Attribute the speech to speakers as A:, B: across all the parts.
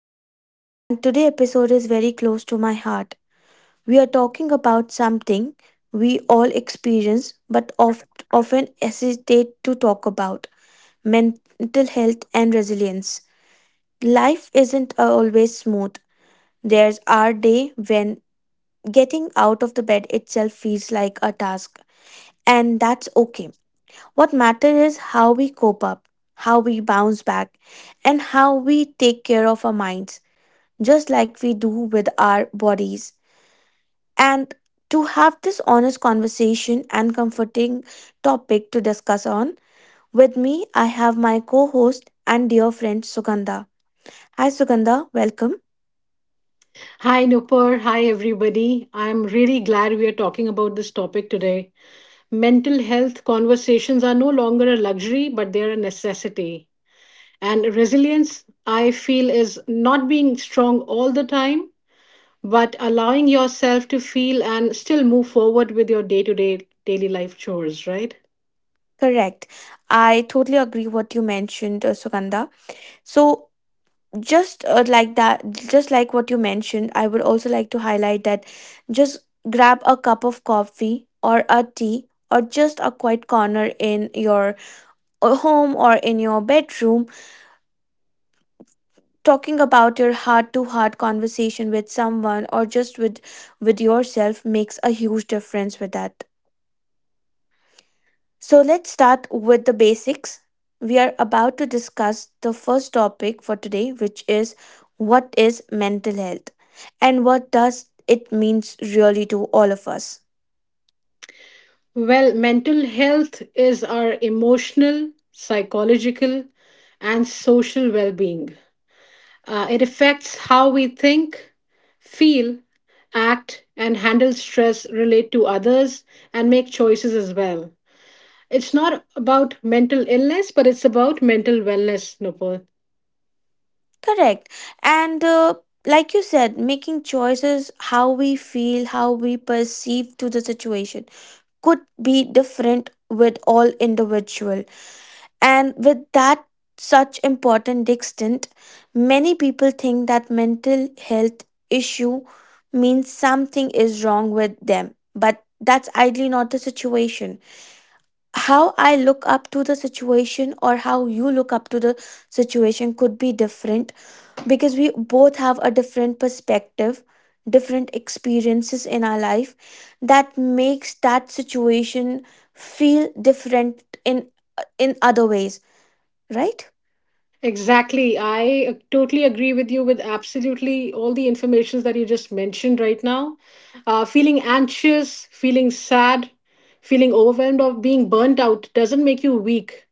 A: Nupur, and today episode is very close to my heart. We are talking about something we all experience but often hesitate to talk about mental health and resilience. Life isn't always smooth. There's our day when getting out of the bed itself feels like a task, and that's okay. What matters is how we cope up, how we bounce back, and how we take care of our minds, just like we do with our bodies. And to have this honest conversation and comforting topic to discuss on, with me, I have my co host and dear friend Sugandha. Hi, Sugandha, welcome.
B: Hi, Nupur. Hi, everybody. I'm really glad we are talking about this topic today. Mental health conversations are no longer a luxury, but they're a necessity. And resilience, I feel, is not being strong all the time, but allowing yourself to feel and still move forward with your day to day daily life chores, right?
A: Correct. I totally agree what you mentioned, Sugandha. So, just like what you mentioned, I would also like to highlight that just grab a cup of coffee or a tea or just a quiet corner in your home or in your bedroom, talking about your heart to heart conversation with someone or just with yourself makes a huge difference with that. So let's start with the basics. We are about to discuss the first topic for today, which is what is mental health and what does it means really to all of us.
B: Well, mental health is our emotional, psychological, and social well being. It affects how we think, feel, act, and handle stress, relate to others, and make choices as well. It's not about mental illness, but it's about mental wellness, Nupur.
A: Correct. And like you said, making choices, how we feel, how we perceive to the situation, could be different with all individual. And with that such important distinct, many people think that mental health issue means something is wrong with them. But that's ideally not the situation. How I look up to the situation or how you look up to the situation could be different because we both have a different perspective, different experiences in our life that makes that situation feel different in other ways, right?
B: Exactly. I totally agree with you with absolutely all the informations that you just mentioned right now. Feeling anxious, feeling sad, feeling overwhelmed, or being burnt out doesn't make you weak.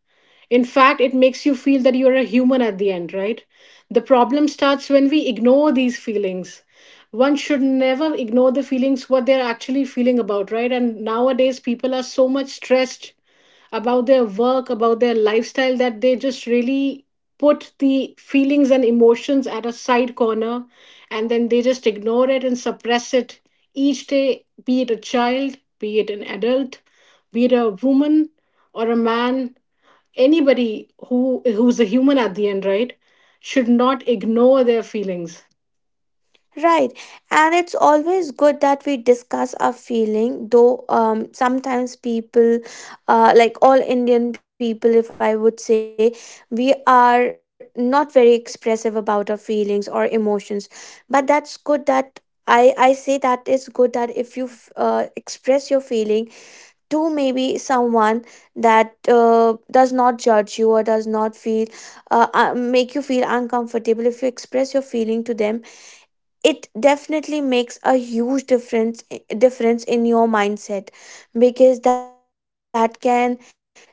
B: In fact, it makes you feel that you're a human at the end, right? The problem starts when we ignore these feelings. One should never ignore the feelings, what they're actually feeling about, right? And nowadays, people are so much stressed about their work, about their lifestyle, that they just really put the feelings and emotions at a side corner, and then they just ignore it and suppress it each day, be it a child, be it an adult, be it a woman or a man, anybody who's a human at the end, right, should not ignore their feelings.
A: Right. And it's always good that we discuss our feeling, though sometimes people, like all Indian people, if I would say, we are not very expressive about our feelings or emotions. But that's good that I say that it's good that if you express your feeling to maybe someone that does not judge you or does not feel make you feel uncomfortable. If you express your feeling to them, it definitely makes a huge difference difference in your mindset, because that can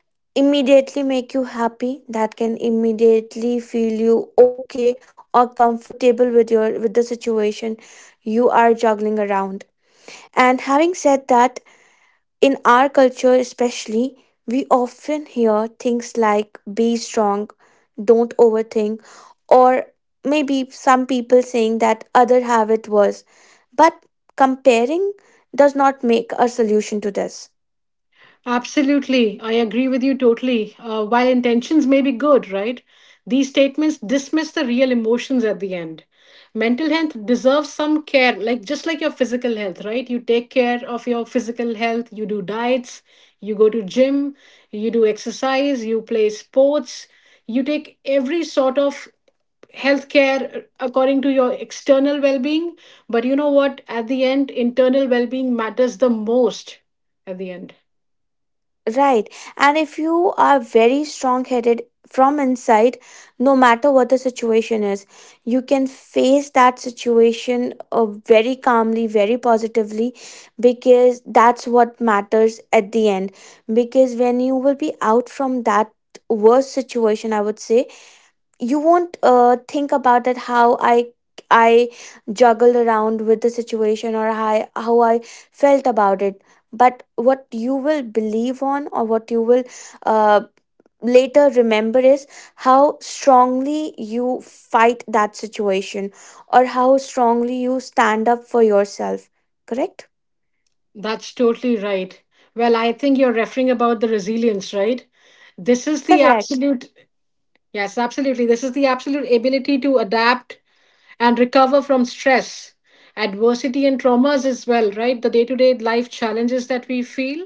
A: immediately make you happy, that can immediately feel you okay or comfortable with your with the situation you are juggling around. And having said that, in our culture, especially, we often hear things like be strong, don't overthink, or maybe some people saying that other have it worse. But comparing does not make a solution to this.
B: Absolutely. I agree with you totally. While intentions may be good, right? These statements dismiss the real emotions at the end. Mental health deserves some care, like just like your physical health, right? You take care of your physical health, you do diets, you go to gym, you do exercise, you play sports, you take every sort of healthcare according to your external well-being. But you know what? At the end, internal well-being matters the most at the end.
A: Right. And if you are very strong headed from inside, no matter what the situation is, you can face that situation very calmly, very positively, because that's what matters at the end. Because when you will be out from that worst situation, I would say, you won't think about that how i juggled around with the situation, or how I felt about it, but what you will believe on or what you will uh, later remember is how strongly you fight that situation or how strongly you stand up for yourself, correct?
B: That's totally right. Well, I think you're referring about the resilience, right? This is the
A: Correct.
B: absolute, yes, absolutely. This is the absolute ability to adapt and recover from stress, adversity, and traumas as well, right? The day to day life challenges that we feel.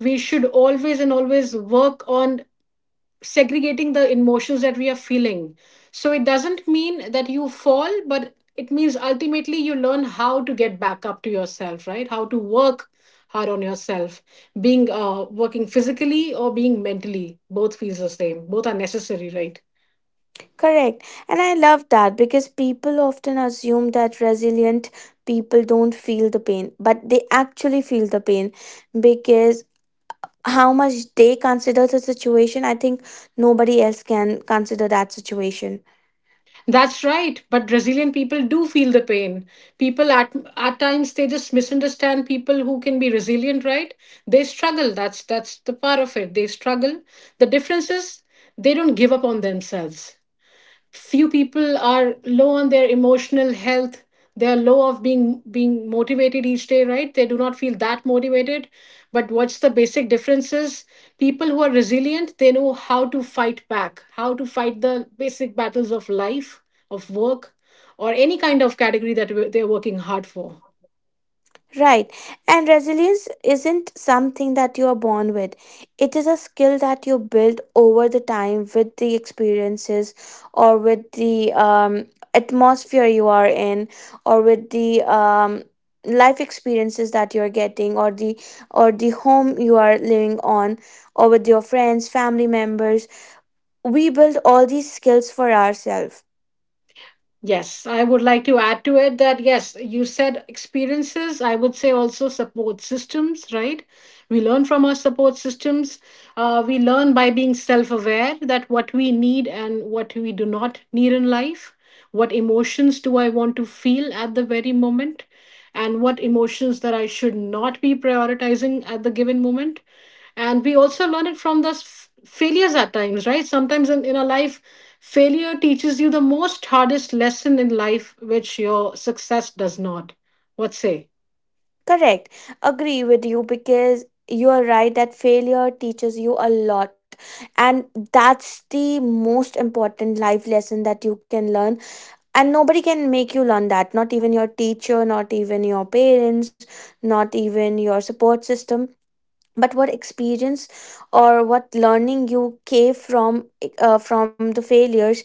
B: We should always and always work on segregating the emotions that we are feeling. So it doesn't mean that you fall, but it means ultimately you learn how to get back up to yourself, right? How to work hard on yourself, being working physically or being mentally. Both feels the same. Both are necessary, right?
A: Correct. And I love that because people often assume that resilient people don't feel the pain, but they actually feel the pain because how much they consider the situation, I think nobody else can consider that situation.
B: That's right, but Brazilian people do feel the pain. People at times they just misunderstand people who can be resilient, right? They struggle. That's the part of it. They struggle. The difference is they don't give up on themselves. Few people are low on their emotional health. They are low of being motivated each day, right? They do not feel that motivated. But what's the basic difference is, people who are resilient, they know how to fight back, how to fight the basic battles of life, of work, or any kind of category that they're working hard for.
A: Right. And resilience isn't something that you are born with. It is a skill that you build over the time with the experiences or with the atmosphere you are in or with the life experiences that you're getting, or the home you are living on, or with your friends, family members. We build all these skills for ourselves.
B: Yes, I would like to add to it that yes, you said experiences. I would say also support systems, right? We learn from our support systems. We learn by being self aware that what we need and what we do not need in life. What emotions do I want to feel at the very moment? And what emotions that I should not be prioritizing at the given moment. And we also learn it from the failures at times, right? Sometimes in our life, failure teaches you the most hardest lesson in life, which your success does not. What say?
A: Correct. Agree with you because you are right that failure teaches you a lot. And that's the most important life lesson that you can learn. And nobody can make you learn that. Not even your teacher, not even your parents, not even your support system. But what experience or what learning you gave from the failures,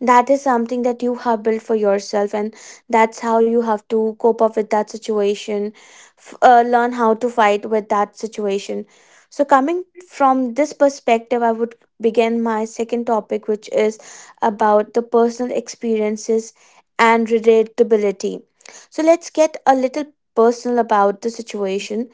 A: that is something that you have built for yourself, and that's how you have to cope up with that situation, learn how to fight with that situation. So coming from this perspective, I would begin my second topic, which is about the personal experiences and relatability. So let's get a little personal about the situation.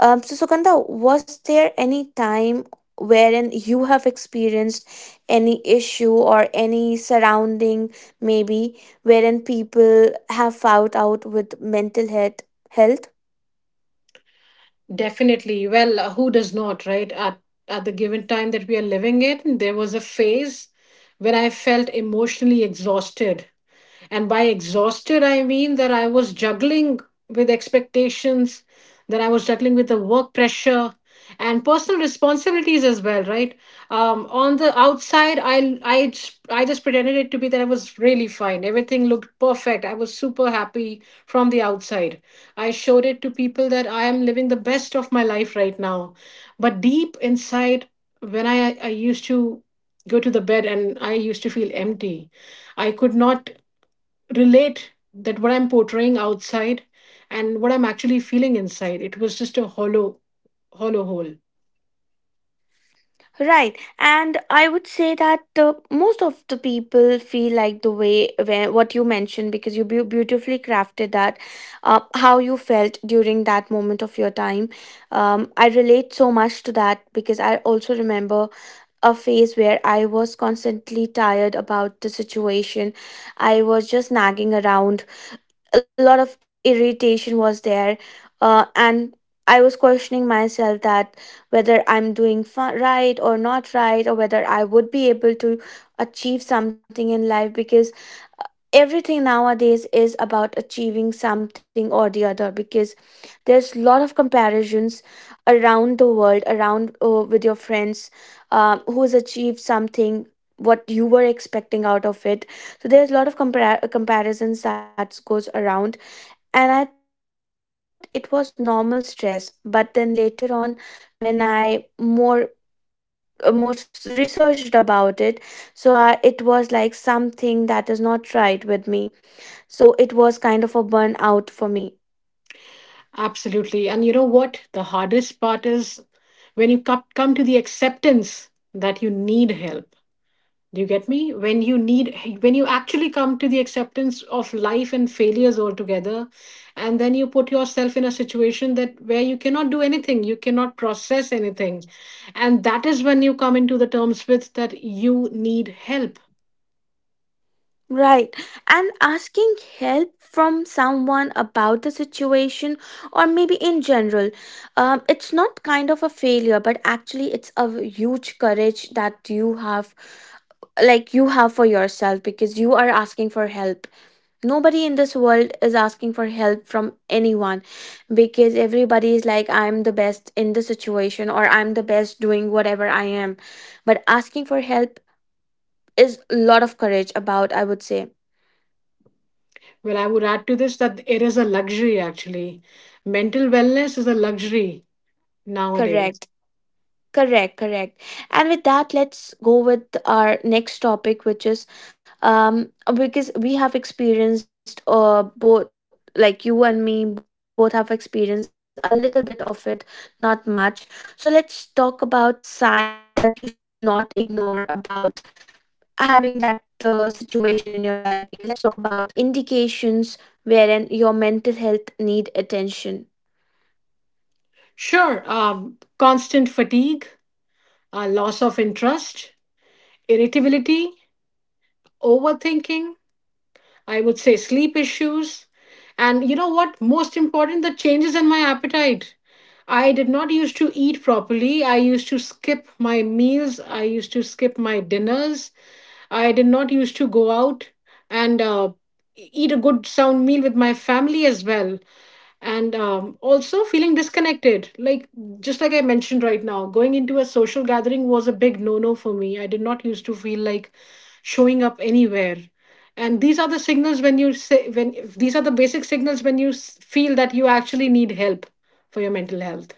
A: So, Sukanda, was there any time wherein you have experienced any issue or any surrounding, maybe, wherein people have found out with mental health? Health?
B: Definitely. Well, who does not, right? At the given time that we are living it, there was a phase when I felt emotionally exhausted. And by exhausted, I mean that I was juggling with expectations, that I was juggling with the work pressure and personal responsibilities as well, right? On the outside, I just pretended it to be that I was really fine. Everything looked perfect. I was super happy from the outside. I showed it to people that I am living the best of my life right now. But deep inside, when I used to go to the bed and I used to feel empty, I could not relate that what I'm portraying outside and what I'm actually feeling inside. It was just a hollow, hollow hole.
A: Right, and I would say that most of the people feel like the way where what you mentioned, because you beautifully crafted that, how you felt during that moment of your time. I relate so much to that because I also remember a phase where I was constantly tired about the situation. I was just nagging around. A lot of irritation was there, and I was questioning myself that whether I'm doing right or not right, or whether I would be able to achieve something in life, because everything nowadays is about achieving something or the other. Because there's a lot of comparisons around the world, around with your friends, who has achieved something, what you were expecting out of it. So there's a lot of comparisons that goes around. And I thought it was normal stress, but then later on, when I more researched about it, so I, it was like something that is not right with me. So it was kind of a burnout for me.
B: Absolutely. And you know what? The hardest part is when you come to the acceptance that you need help. Do you get me? When you need, when you actually come to the acceptance of life and failures altogether, and then you put yourself in a situation that where you cannot do anything, you cannot process anything, and that is when you come into the terms with that you need help.
A: Right. And asking help from someone about the situation, or maybe in general, it's not kind of a failure, but actually it's a huge courage that you have, like you have for yourself because you are asking for help. Nobody in this world is asking for help from anyone, because everybody is like, I'm the best in the situation, or I'm the best doing whatever I am. But asking for help is a lot of courage about, I would say.
B: Well, I would add to this that it is a luxury, actually. Mental wellness is a luxury nowadays.
A: Correct. Correct. Correct. And with that, let's go with our next topic, which is, because we have experienced both, like you and me both have experienced a little bit of it, not much. So let's talk about sign that you should not ignore about having that situation in your life. Because let's talk about some indications wherein your mental health need attention.
B: Sure, constant fatigue, loss of interest, irritability, overthinking, I would say sleep issues. And you know what? Most important, the changes in my appetite. I did not used to eat properly. I used to skip my meals. I used to skip my dinners. I did not used to go out and eat a good sound meal with my family as well. And also feeling disconnected. Like, just like I mentioned right now, going into a social gathering was a big no no for me. I did not used to feel like showing up anywhere. And these are the signals when you say, when these are the basic signals when you feel that you actually need help for your mental health.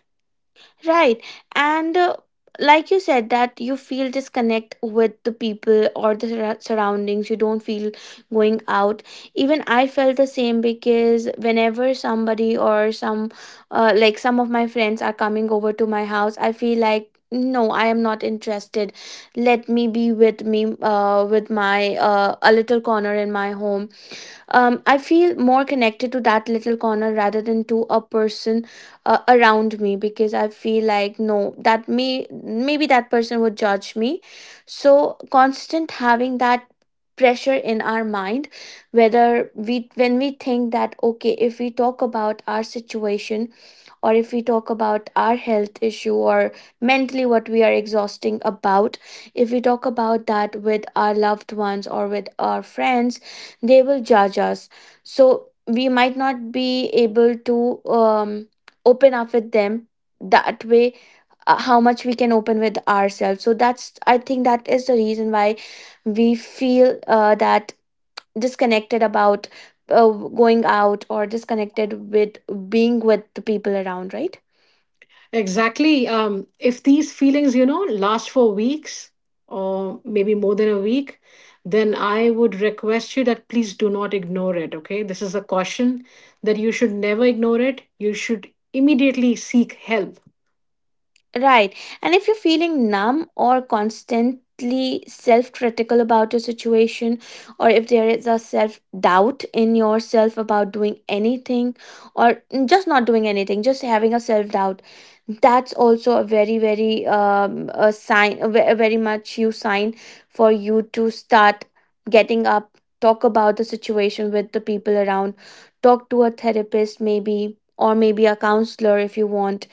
A: Right. And like you said, that you feel disconnect with the people or the surroundings. You don't feel going out. Even I felt the same, because whenever somebody or some, like some of my friends are coming over to my house, I feel like no, I am not interested, let me be with me with my a little corner in my home. I feel more connected to that little corner rather than to a person around me, because I feel like no, that maybe that person would judge me. So constant having that pressure in our mind, whether we, when we think that okay, if we talk about our situation or if we talk about our health issue, or mentally what we are exhausting about, if we talk about that with our loved ones or with our friends, they will judge us. So we might not be able to open up with them that way, how much we can open with ourselves. So that's I think that is the reason why we feel that disconnected about going out, or disconnected with being with the people around, right?
B: Exactly. If these feelings, you know, last for weeks or maybe more than a week, then I would request you that please do not ignore it. Okay. This is a caution that you should never ignore it. You should immediately seek help.
A: Right. And if you're feeling numb or constantly self critical about your situation, or if there is a self doubt in yourself about doing anything, or just not doing anything, just having a self doubt, that's also a very, very a sign, a very much you sign for you to start getting up, talk about the situation with the people around, talk to a therapist, maybe, or maybe a counselor if you want.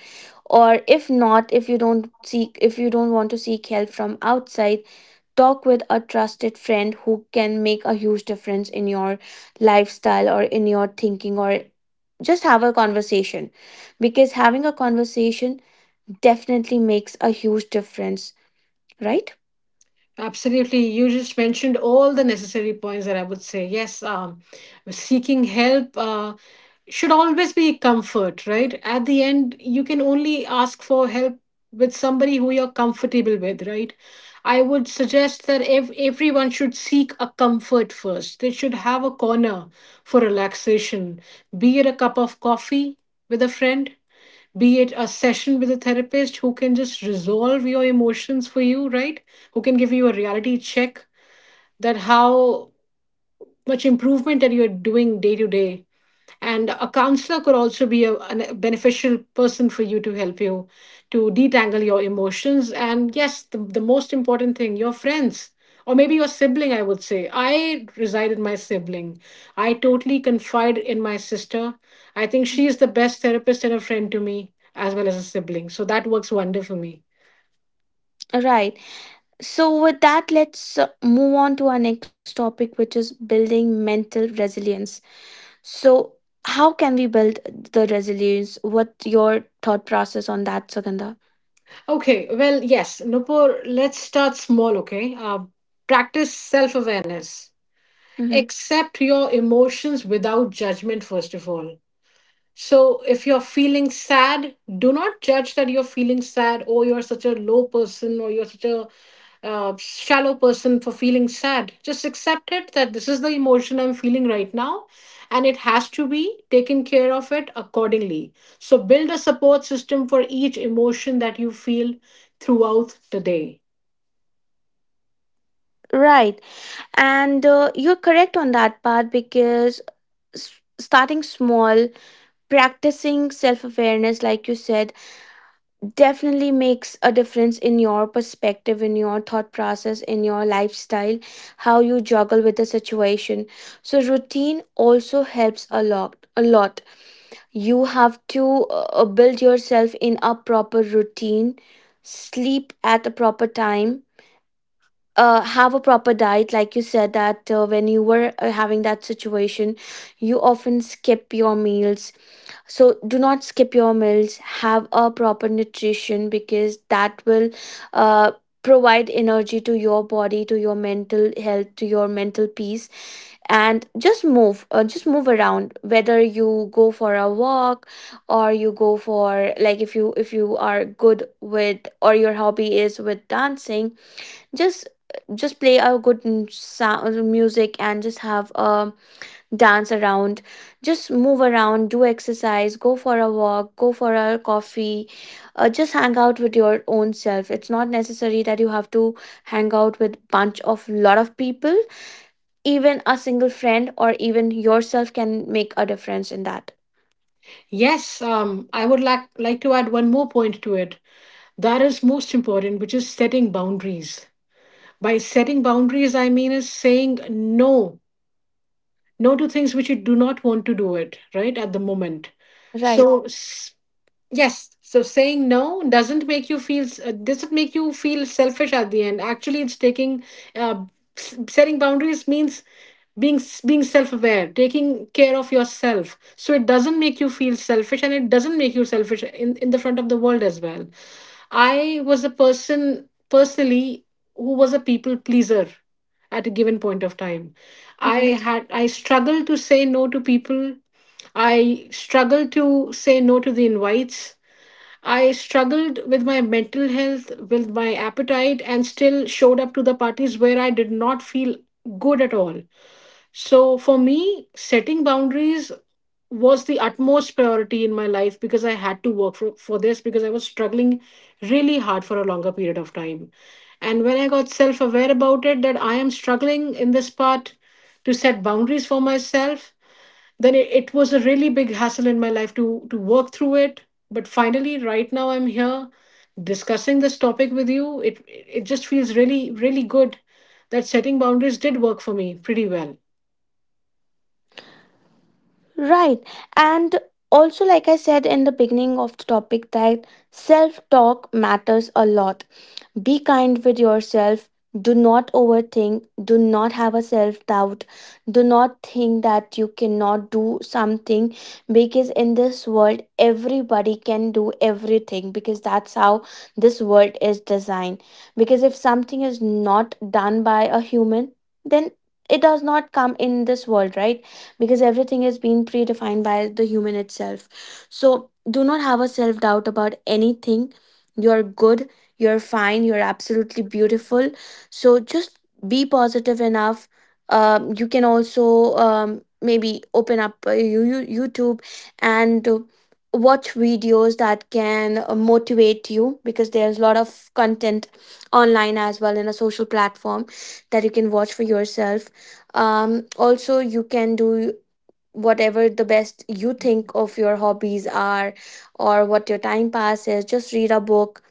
A: Or if not, if you don't seek, if you don't want to seek help from outside, talk with a trusted friend who can make a huge difference in your lifestyle or in your thinking, or just have a conversation, because having a conversation definitely makes a huge difference, right?
B: Absolutely. You just mentioned all the necessary points that I would say. Yes, seeking help should always be comfort, right? At the end, you can only ask for help with somebody who you're comfortable with, right? I would suggest that everyone should seek a comfort first. They should have a corner for relaxation, be it a cup of coffee with a friend, be it a session with a therapist who can just resolve your emotions for you, right? Who can give you a reality check that how much improvement that you're doing day to day. And a counselor could also be a beneficial person for you to help you to detangle your emotions. And yes, the most important thing, your friends or maybe your sibling, I would say. I reside in my sibling. I totally confide in my sister. I think she is the best therapist and a friend to me, as well as a sibling. So that works wonder for me.
A: Right. So with that, let's move on to our next topic, which is building mental resilience. So, how can we build the resilience? What your thought process on that, Sugandha?
B: Okay, well, yes, Nupur, let's start small, okay? Practice self awareness.
A: Hmm.
B: Accept your emotions without judgment first of all. So if you're feeling sad, do not judge that you're feeling sad, or you're such a low person, or you're such a shallow person for feeling sad. Just accept it that this is the emotion I'm feeling right now, and it has to be taken care of it accordingly. So build a support system for each emotion that you feel throughout the day.
A: Right, and you're correct on that part because starting small, practicing self awareness, like you said, definitely makes a difference in your perspective, in your thought process, in your lifestyle, how you juggle with the situation. So routine also helps a lot, a lot. You have to build yourself in a proper routine, sleep at a proper time, have a proper diet. Like you said, that when you were having that situation, you often skip your meals. So do not skip your meals, have a proper nutrition because that will uh, provide energy to your body, to your mental health, to your mental peace. And just move just move around. Whether you go for a walk or you go for, like, if you are good with, or your hobby is with, dancing, just just play a good sound music and just have a dance around, just move around, do exercise, go for a walk, go for a coffee, just hang out with your own self. It's not necessary that you have to hang out with bunch of lot of people. Even a single friend or even yourself can make a difference in that.
B: Yes, I would like to add one more point to it, that is most important, which is setting boundaries. By setting boundaries, I mean is saying no, no to things which you do not want to do it right at the moment.
A: Right.
B: So yes, so saying no doesn't make you feel doesn't make you feel selfish at the end. Actually, it's taking uh, setting boundaries means being being self-aware, taking care of yourself, so it doesn't make you feel selfish, and it doesn't make you selfish in the front of the world as well. I was a person personally who was a people pleaser at a given point of time. I
A: Mhm.
B: had I struggled to say no to people. I struggled to say no to the invites. I struggled with my mental health, with my appetite, and still showed up to the parties where I did not feel good at all. So, for me, setting boundaries was the utmost priority in my life because I had to work for this because I was struggling really hard for a longer period of time. And when I got self aware about it, that I am struggling in this part to set boundaries for myself, then it was a really big hassle in my life to work through it. But finally, right now, I'm here discussing this topic with you. It just feels really, really good that setting boundaries did work for me pretty well.
A: Right. And also, like I said in the beginning of the topic, that self talk matters a lot. Be kind with yourself. Do not overthink. Do not have a self doubt. Do not think that you cannot do something, because in this world, everybody can do everything because that's how this world is designed. Because if something is not done by a human, then it does not come in this world, right? Because everything is being predefined by the human itself. So do not have a self doubt about anything. You're good, you're fine. You're absolutely beautiful. So just be positive enough. You can also maybe open up YouTube and watch videos that can motivate you because there's a lot of content online as well, in a social platform, that you can watch for yourself. Also, you can do whatever the best you think of your hobbies are, or what your time pass is. Just read a book,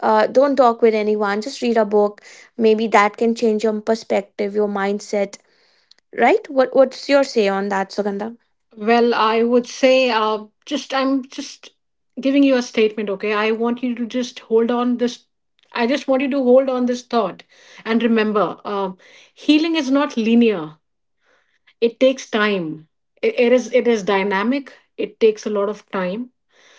A: don't talk with anyone, just read a book. Maybe that can change your perspective, your mindset, right? What's your say on that, Sugandha?
B: Well, I would say, just I'm just giving you a statement, okay? I want you to just hold on this. I just want you to hold on this thought and remember, healing is not linear. It takes time. It is dynamic. It takes a lot of time,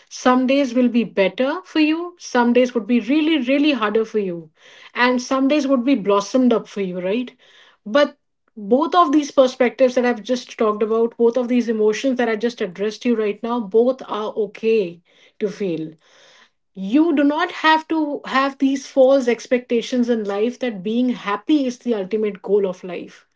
B: some days will be better for you, some days would be really, really harder for you, and some days would be blossomed up for you, right? But both of these perspectives that I've just talked about, both of these emotions that I just addressed you right now, both are okay to feel. You do not have to have these false expectations in life that being happy is the ultimate goal of life.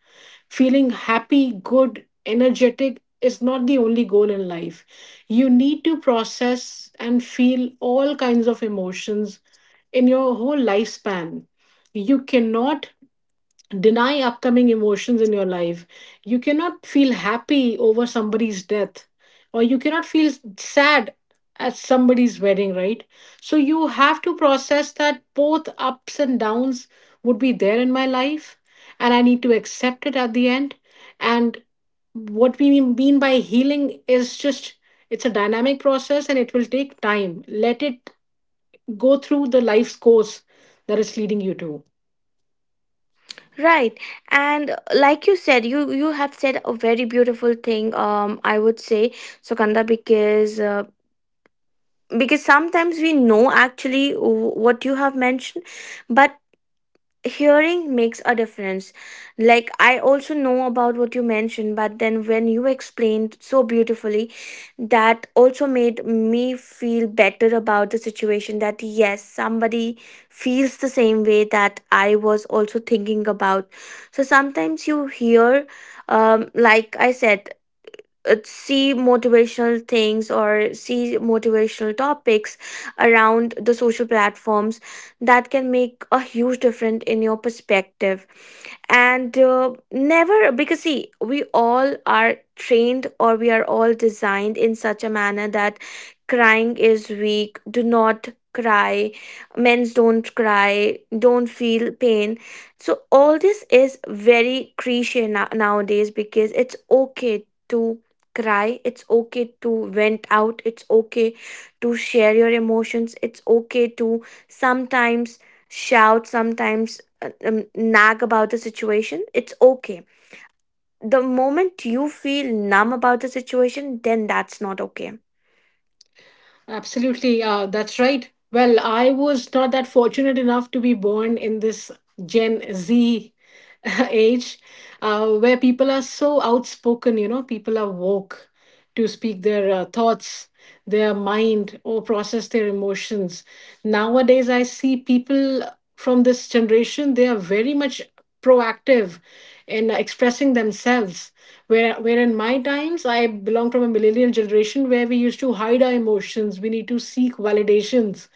B: Feeling happy, good, energetic is not the only goal in life. You need to process and feel all kinds of emotions in your whole lifespan. You cannot deny upcoming emotions in your life. You cannot feel happy over somebody's death, or you cannot feel sad at somebody's wedding, right? So you have to process that both ups and downs would be there in my life, and I need to accept it at the end. And what we mean by healing is just it's a dynamic process and it will take time. Let it go through the life's course that it's leading you to.
A: Right. And like you said, you have said a very beautiful thing, I would say, Sugandha, because because sometimes we know actually what you have mentioned, but hearing makes a difference. Like, I also know about what you mentioned, but then when you explained so beautifully, that also made me feel better about the situation. That yes, somebody feels the same way that I was also thinking about. So sometimes you hear, like I said, see motivational things or see motivational topics around the social platforms, that can make a huge difference in your perspective. And never, because see, we all are trained or we are all designed in such a manner that crying is weak, do not cry, men's don't cry, don't feel pain. So all this is very cliche nowadays, because it's okay to cry, it's okay to vent out, it's okay to share your emotions, it's okay to sometimes shout, sometimes nag about the situation, it's okay. The moment you feel numb about the situation, then that's not okay.
B: Absolutely, that's right. Well, I was not that fortunate enough to be born in this Gen Z age where people are so outspoken, you know, people are woke to speak their thoughts, their mind, or process their emotions. Nowadays, I see people from this generation, they are very much proactive in expressing themselves, where in my times I belong from a millennial generation where we used to hide our emotions, we need to seek validations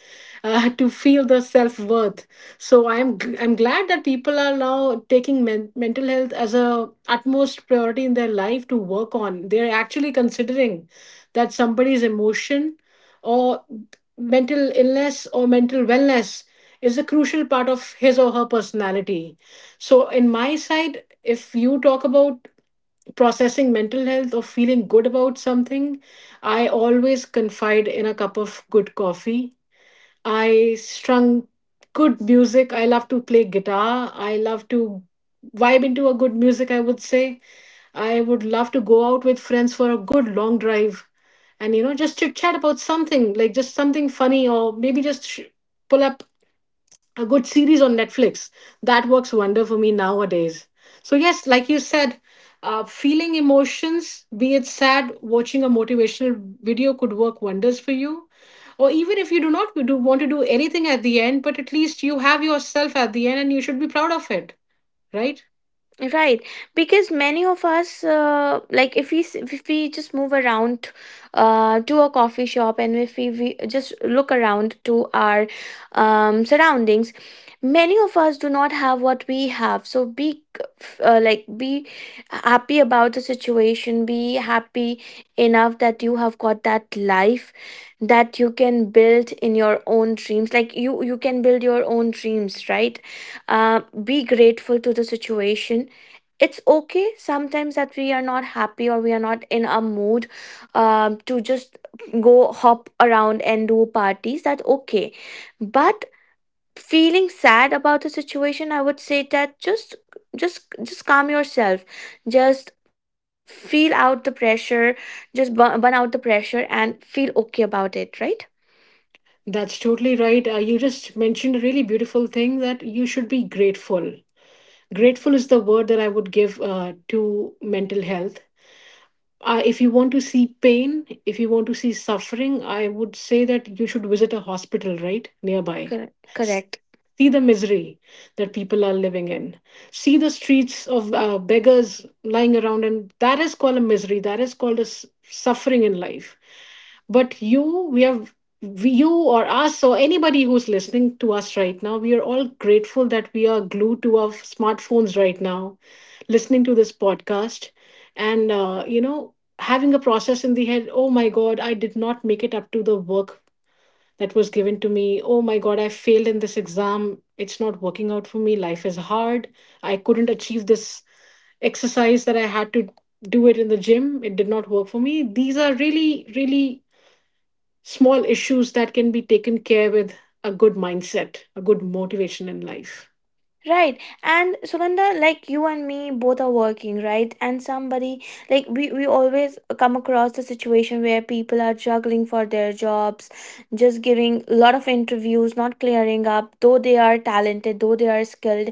B: to feel the self-worth. So I'm glad that people are now taking mental health as a utmost priority in their life to work on. They're actually considering that somebody's emotion or mental illness or mental wellness is a crucial part of his or her personality. So in my side, if you talk about processing mental health or feeling good about something, I always confide in a cup of good coffee. I strung good music. I love to play guitar. I love to vibe into a good music, I would say. I would love to go out with friends for a good long drive and, you know, just chit chat about something, like just something funny or maybe just pull up a good series on Netflix. That works wonder for me nowadays. So yes, like you said, feeling emotions, be it sad, watching a motivational video could work wonders for you. Or even if you do not want to do anything at the end, but at least you have yourself at the end and you should be proud of it, right?
A: Right, because many of us, like if we if we just move around to a coffee shop, and if we just look around to our surroundings, many of us do not have what we have. So be like be happy about the situation. Be happy enough that you have got that life, that you can build in your own dreams. Like you can build your own dreams, right? Be grateful to the situation. It's okay sometimes that we are not happy or we are not in a mood, to just go hop around and do parties, that's okay. But feeling sad about the situation, I would say that just just calm yourself, just feel out the pressure, just burn out the pressure and feel okay about it, right?
B: That's totally right. You just mentioned a really beautiful thing that you should be grateful. Grateful is the word that I would give to mental health. If you want to see pain, if you want to see suffering, I would say that you should visit a hospital right nearby.
A: Correct.
B: S-
A: Correct.
B: See the misery that people are living in. See the streets of beggars lying around, and that is called a misery. That is called a suffering in life. But you, we have we- you or us or anybody who's listening to us right now, we are all grateful that we are glued to our smartphones right now, listening to this podcast, and you know, having a process in the head, oh my god, I did not make it up to the work that was given to me. Oh my god, I failed in this exam. It's not working out for me. Life is hard. I couldn't achieve this exercise that I had to do it in the gym. It did not work for me. These are really, really small issues that can be taken care with a good mindset, a good motivation in life.
A: Right. And Sugandha, like you and me both are working, right? And somebody, like we always come across the situation where people are juggling for their jobs, just giving a lot of interviews, not clearing up, though they are talented, though they are skilled,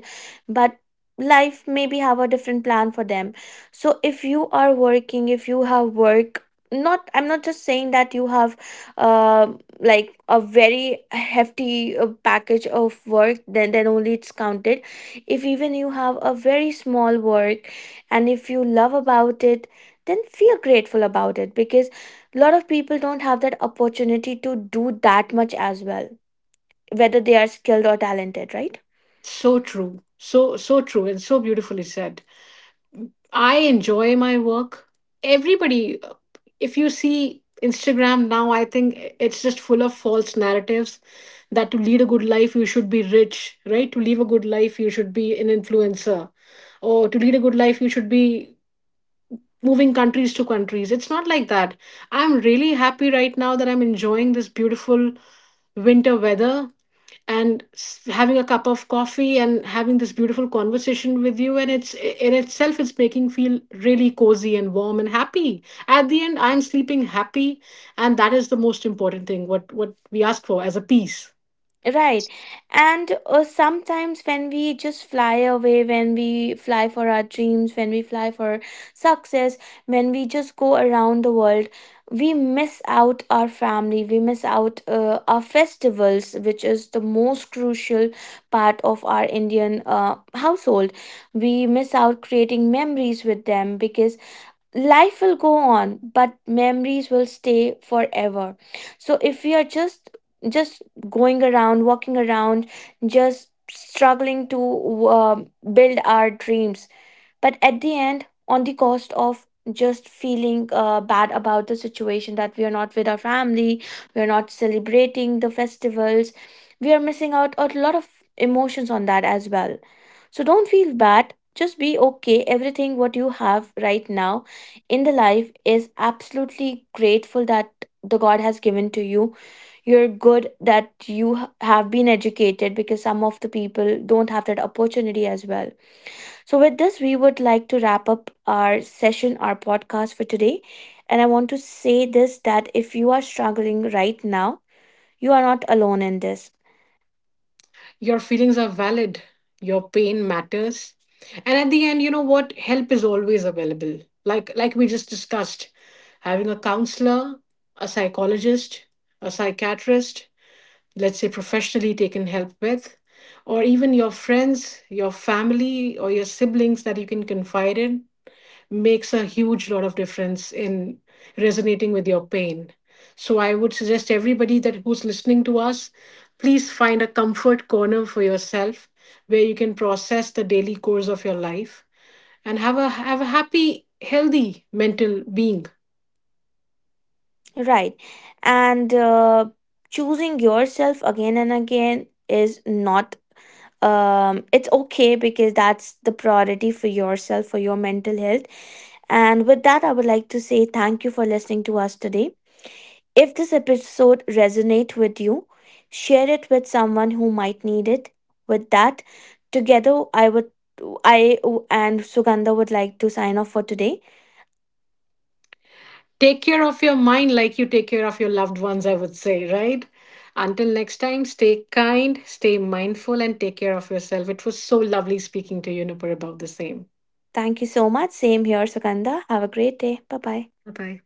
A: but life maybe have a different plan for them. So if you are working, if you have work, not, I'm not just saying that you have uh, like a very hefty package of work, then only it's counted. If even you have a very small work, and if you love about it, then feel grateful about it, because a lot of people don't have that opportunity to do that much as well, whether they are skilled or talented, right?
B: So true. So, so true and so beautifully said. I enjoy my work. Everybody, if you see Instagram now, I think it's just full of false narratives that to lead a good life, you should be rich, right? To live a good life, you should be an influencer. Oh, to lead a good life, you should be moving countries to countries. It's not like that. I'm really happy right now that I'm enjoying this beautiful winter weather and having a cup of coffee and having this beautiful conversation with you, and it's in itself it's making feel really cozy and warm and happy. At the end, I'm sleeping happy, and that is the most important thing, what we ask for as a peace.
A: Right. And sometimes when we just fly away, when we fly for our dreams, when we fly for success, when we just go around the world, we miss out our family, we miss out our festivals, which is the most crucial part of our Indian household. We miss out creating memories with them, because life will go on but memories will stay forever. So if we are just going around, walking around, just struggling to build our dreams. But at the end, on the cost of just feeling bad about the situation that we are not with our family, we are not celebrating the festivals, we are missing out a lot of emotions on that as well. So don't feel bad. Just be okay. Everything what you have right now in the life is absolutely grateful that the God has given to you. You're good that you have been educated, because some of the people don't have that opportunity as well. So, with this, we would like to wrap up our session, our podcast for today. And I want to say this, that if you are struggling right now, you are not alone in this.
B: Your feelings are valid, your pain matters. And at the end, you know what? Help is always available. Like we just discussed, having a counselor, a psychologist, a psychiatrist, let's say professionally taken help with, or even your friends, your family, or your siblings that you can confide in, makes a huge lot of difference in resonating with your pain. So I would suggest everybody that who's listening to us, please find a comfort corner for yourself where you can process the daily course of your life and have a happy, healthy mental being.
A: Right. And choosing yourself again and again is not it's okay, because that's the priority for yourself, for your mental health. And with that, I would like to say thank you for listening to us today. If this episode resonates with you, share it with someone who might need it. With that, together I would, I and Sugandha would like to sign off for today.
B: Take care of your mind like you take care of your loved ones, I would say, right? Until next time, stay kind, stay mindful, and take care of yourself. It was so lovely speaking to you, Nupur, about the same.
A: Thank you so much. Same here, Sugandha. Have a great day. Bye bye.
B: Bye bye.